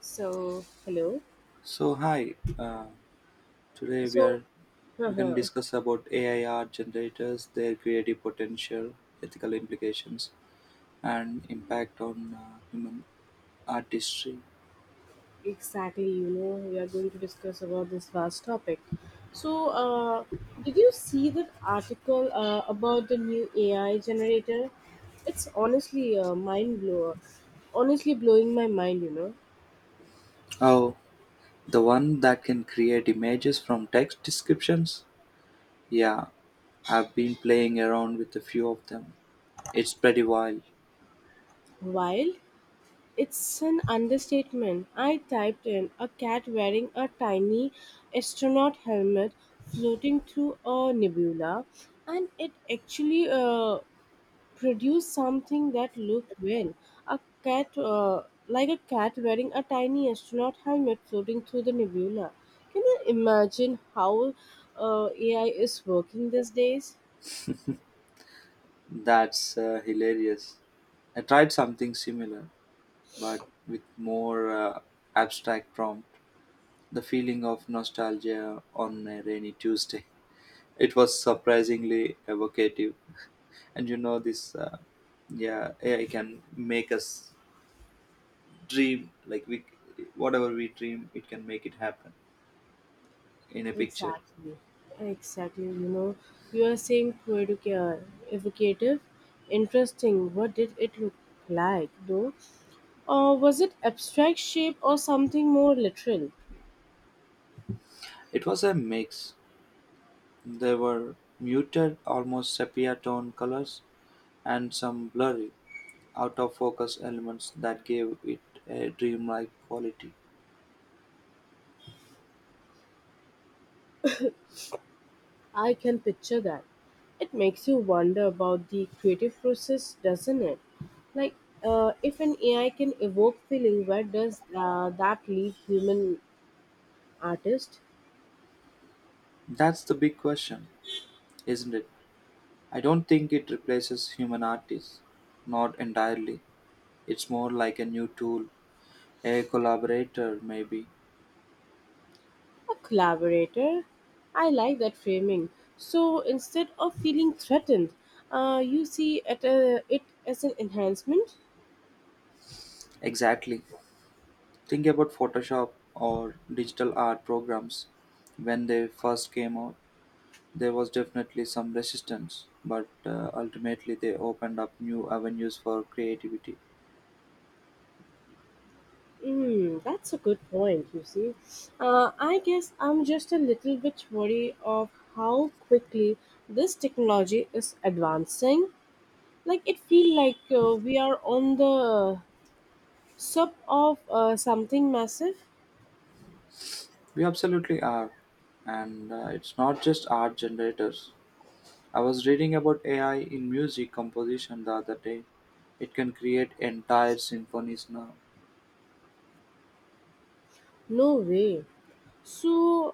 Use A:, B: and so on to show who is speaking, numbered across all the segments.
A: So, hello.
B: So hi, today we
A: So,
B: are we can discuss about AI art generators, their creative potential, ethical implications, and impact on human artistry.
A: exactly, we are going to discuss about this vast topic. So, did you see that article about the new AI generator? It's honestly a mind blower. Honestly, blowing my mind.
B: Oh, the one that can create images from text descriptions? Yeah, I've been playing around with a few of them. It's pretty wild.
A: Wild? It's an understatement. I typed in a cat wearing a tiny astronaut helmet floating through a nebula, and it actually produce something that looked well a cat like a cat wearing a tiny astronaut helmet floating through the nebula. Can you imagine how AI is working these days?
B: That's hilarious. I tried something similar, but with more abstract prompt. The feeling of nostalgia on a rainy Tuesday. It was surprisingly evocative, and you know this. Yeah, AI can make us dream like we, whatever we dream, it can make it happen in a picture.
A: Exactly, exactly, you are saying evocative. Interesting, what did it look like, though? Or was it abstract shape or something more literal?
B: It was a mix. There were muted, almost sepia tone colors and some blurry, out of focus elements that gave it a dreamlike quality.
A: I can picture that. It makes you wonder about the creative process, doesn't it? Like, if an AI can evoke feeling, where does that leave human artist?
B: That's the big question, isn't it? I don't think it replaces human artists, not entirely. It's more like a new tool, a collaborator, maybe.
A: A collaborator? I like that framing. So instead of feeling threatened, you see it as an enhancement?
B: Exactly. Think about Photoshop or digital art programs. When they first came out, there was definitely some resistance, but ultimately they opened up new avenues for creativity.
A: That's a good point, you see. I guess I'm just a little bit worried of how quickly this technology is advancing. Like it feels like we are on the sub of something massive.
B: We absolutely are. And it's not just art generators, I was reading about AI in music composition the other day. It can create entire symphonies now,
A: No way. So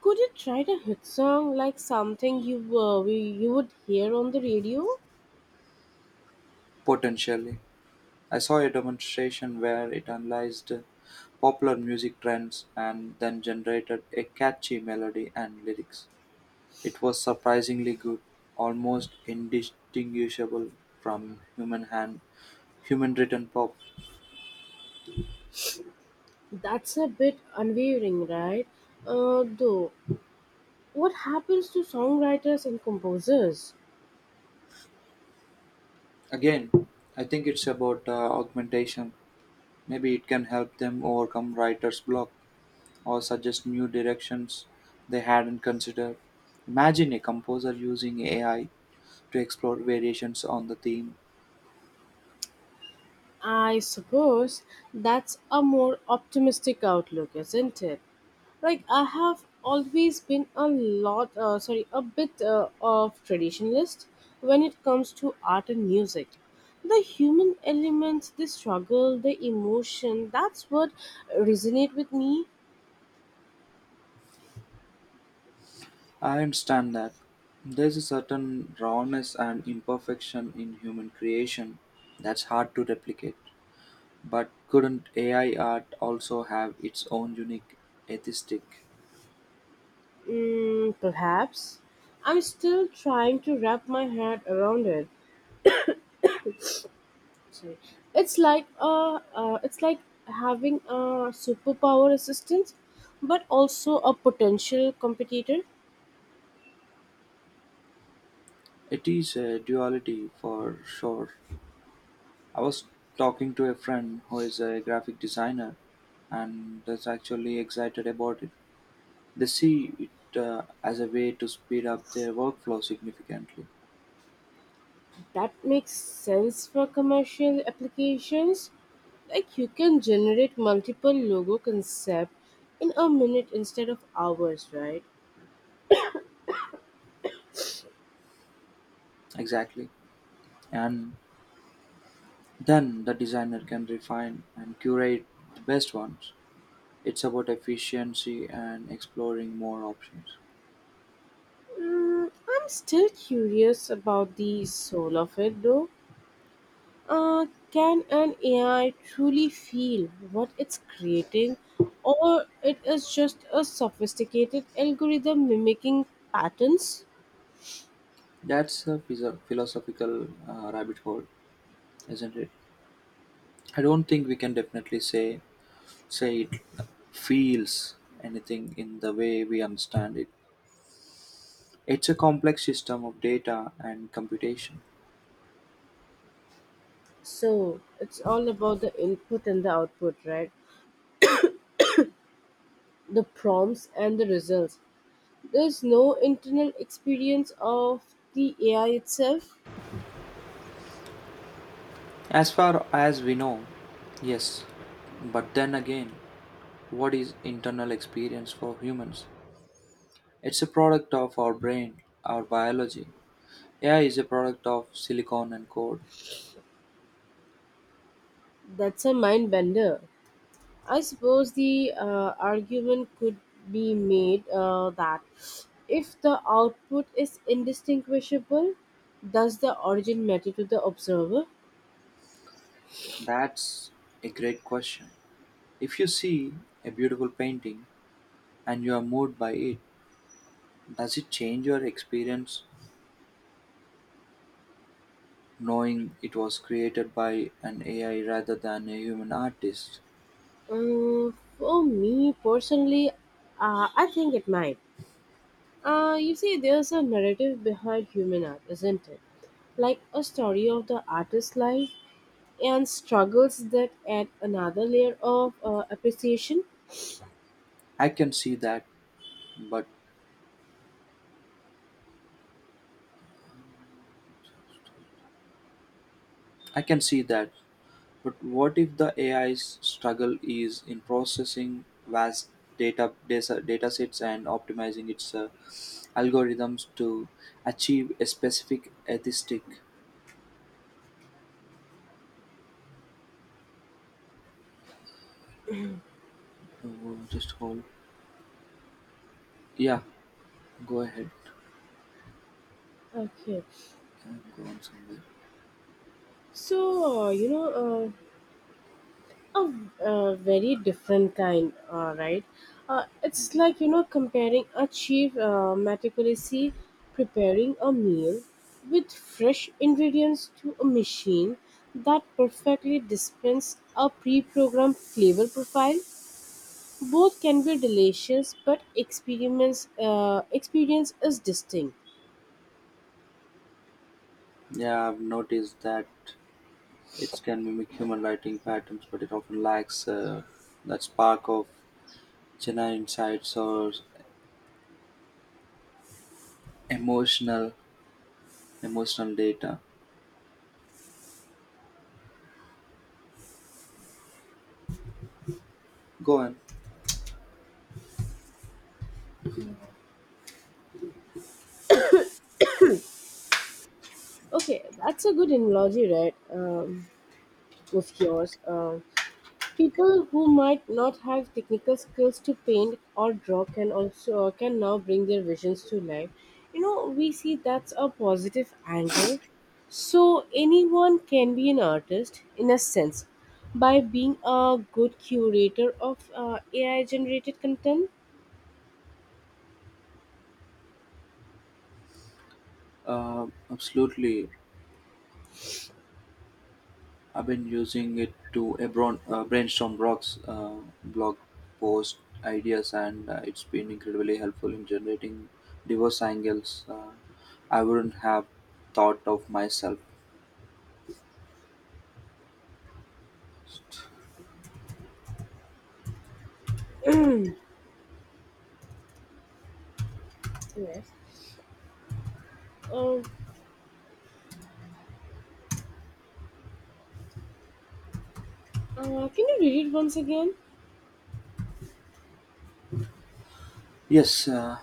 A: could you try a hit song like something you would hear on the radio?
B: potentially. I saw a demonstration where it analyzed popular music trends and then generated a catchy melody and lyrics. It was surprisingly good, almost indistinguishable from human hand, human written pop.
A: That's a bit unwavering, right? Though, what happens to songwriters and composers?
B: Again, I think it's about augmentation. Maybe it can help them overcome writer's block or suggest new directions they hadn't considered. Imagine a composer using AI to explore variations on the theme.
A: I suppose that's a more optimistic outlook, isn't it? Like I have always been a bit of traditionalist when it comes to art and music. The human elements, the struggle, the emotion, that's what resonate with me.
B: I understand that there's a certain rawness and imperfection in human creation that's hard to replicate. But couldn't AI art also have its own unique aesthetic?
A: Perhaps I'm still trying to wrap my head around it. Sorry, it's like uh, it's like having a superpower assistant but also a potential competitor.
B: It is a duality for sure. I was talking to a friend who is a graphic designer and is actually excited about it. They see it as a way to speed up their workflow significantly.
A: That makes sense for commercial applications, like you can generate multiple logo concept in a minute instead of hours, right?
B: Exactly. And then the designer can refine and curate the best ones. It's about efficiency and exploring more options.
A: I'm still curious about the soul of it, though. Uh, can an AI truly feel what it's creating, or it is just a sophisticated algorithm mimicking patterns?
B: That's a philosophical rabbit hole, isn't it? I don't think we can definitely say it feels anything in the way we understand it. It's a complex system of data and computation.
A: So it's all about the input and the output, right? The prompts and the results. There's no internal experience of the AI itself.
B: As far as we know, yes. But then again, what is internal experience for humans? It's a product of our brain, our biology. AI is a product of silicon and code.
A: That's a mind bender. I suppose the argument could be made that if the output is indistinguishable, does the origin matter to the observer?
B: That's a great question. If you see a beautiful painting and you are moved by it, does it change your experience knowing it was created by an AI rather than a human artist?
A: For me personally, I think it might. You see, there's a narrative behind human art, isn't it? Like a story of the artist's life and struggles that add another layer of appreciation.
B: I can see that, but I can see that. But what if the AI's struggle is in processing vast data sets and optimizing its algorithms to achieve a specific atheistic? Oh, just hold. Yeah, go ahead.
A: Okay,
B: I'm going somewhere.
A: so a, a very different kind, right? It's
B: Mhm.
A: like comparing a chef meticulously preparing a meal with fresh ingredients to a machine that perfectly dispenses a pre-programmed flavor profile. Both can be delicious, but experience is distinct.
B: Yeah, I've noticed that it can mimic human writing patterns, but it often lacks that spark of genuine insights or emotional emotional data. Go on.
A: Okay, that's a good analogy, right? Of yours. People who might not have technical skills to paint or draw can now bring their visions to life. We see that's a positive angle. So anyone can be an artist in a sense by being a good curator of AI generated content.
B: Absolutely. I've been using it to brainstorm blog post ideas, and it's been incredibly helpful in generating diverse angles I wouldn't have thought of myself.
A: Yes. Uh, can you read it once again?
B: Yes, uh,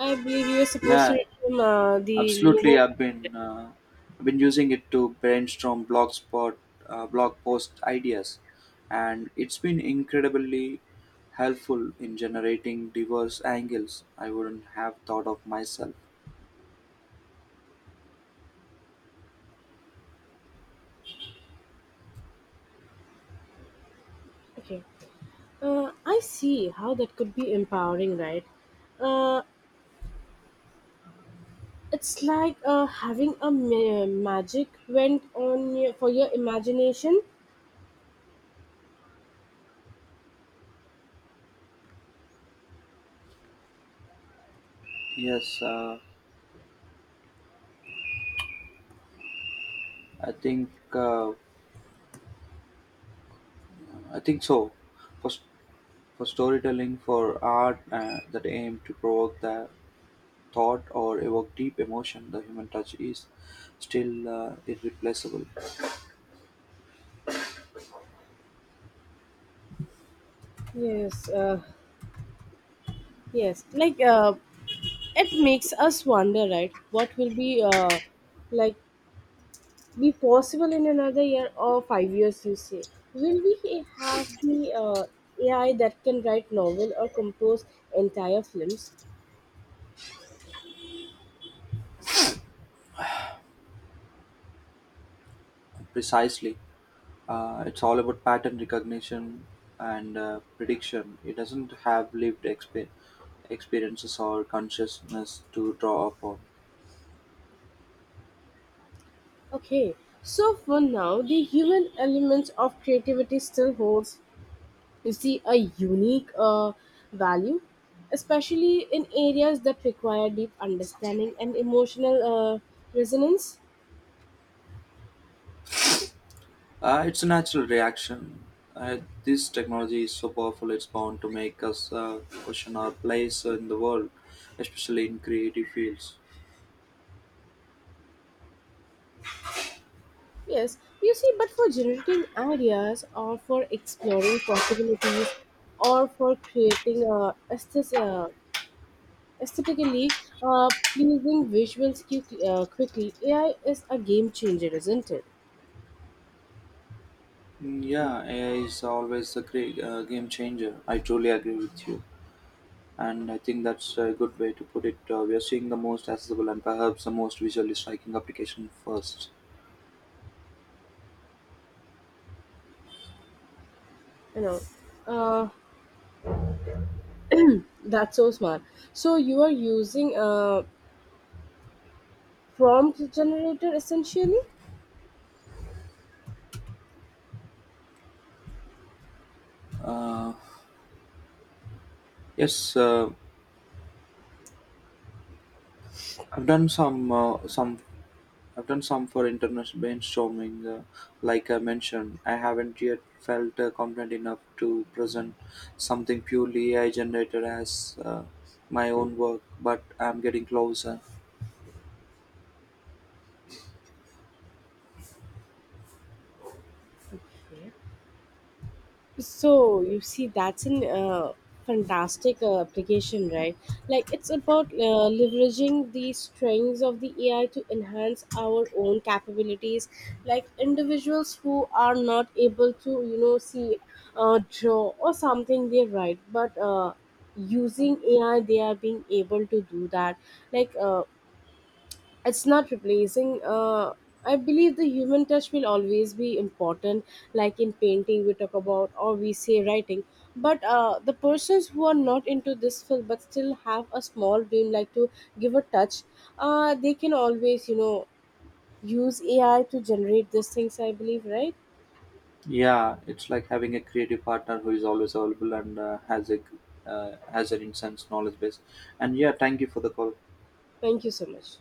A: I believe you were supposed to
B: yeah,
A: read from the
B: absolutely.
A: logo.
B: I've been using it to brainstorm blog post ideas, and it's been incredibly helpful in generating diverse angles I wouldn't have thought of myself.
A: Okay. I see how that could be empowering, right? Uh, It's like having a magic went for your imagination.
B: Yes, uh, I think uh, I think so. For, s- for storytelling, for art that aim to provoke the thought or evoke deep emotion, the human touch is still irreplaceable.
A: Yes, yes. Like it makes us wonder, right? What will be like be possible in another year or 5 years? You say, will we have the AI that can write novel or compose entire films?
B: Precisely, it's all about pattern recognition and prediction. It doesn't have lived experiences or consciousness to draw upon.
A: Okay. So for now, the human elements of creativity still holds, you see, a unique value, especially in areas that require deep understanding and emotional resonance.
B: It's a natural reaction. Uh, this technology is so powerful, it's bound to make us question our place in the world, especially in creative fields.
A: Yes, you see, but for generating ideas or for exploring possibilities or for creating aesthetically pleasing visuals quickly, AI is a game changer, isn't it?
B: Mm, yeah, AI is always a game changer. I truly agree with you. And I think that's a good way to put it. We are seeing the most accessible and perhaps the most visually striking application first.
A: you know uh, that's so smart. So you are using a prompt generator, essentially.
B: Uh, yes, uh, I've done some I've done some for international brainstorming. Like I mentioned, I haven't yet felt confident enough to present something purely AI generated as my own work, but I'm getting closer.
A: Okay. So you see, that's an fantastic application, right? Like it's about leveraging the strengths of the AI to enhance our own capabilities. Like individuals who are not able to, see, draw or something they write, but using AI, they are being able to do that. Like. Uh, it's not replacing, I believe the human touch will always be important, like in painting we talk about or we say writing, but the persons who are not into this field but still have a small dream like to give a touch, they can always use AI to generate these things, I believe, right?
B: Yeah, it's like having a creative partner who is always available and has an intense knowledge base. And yeah, thank you for the call.
A: Thank you so much.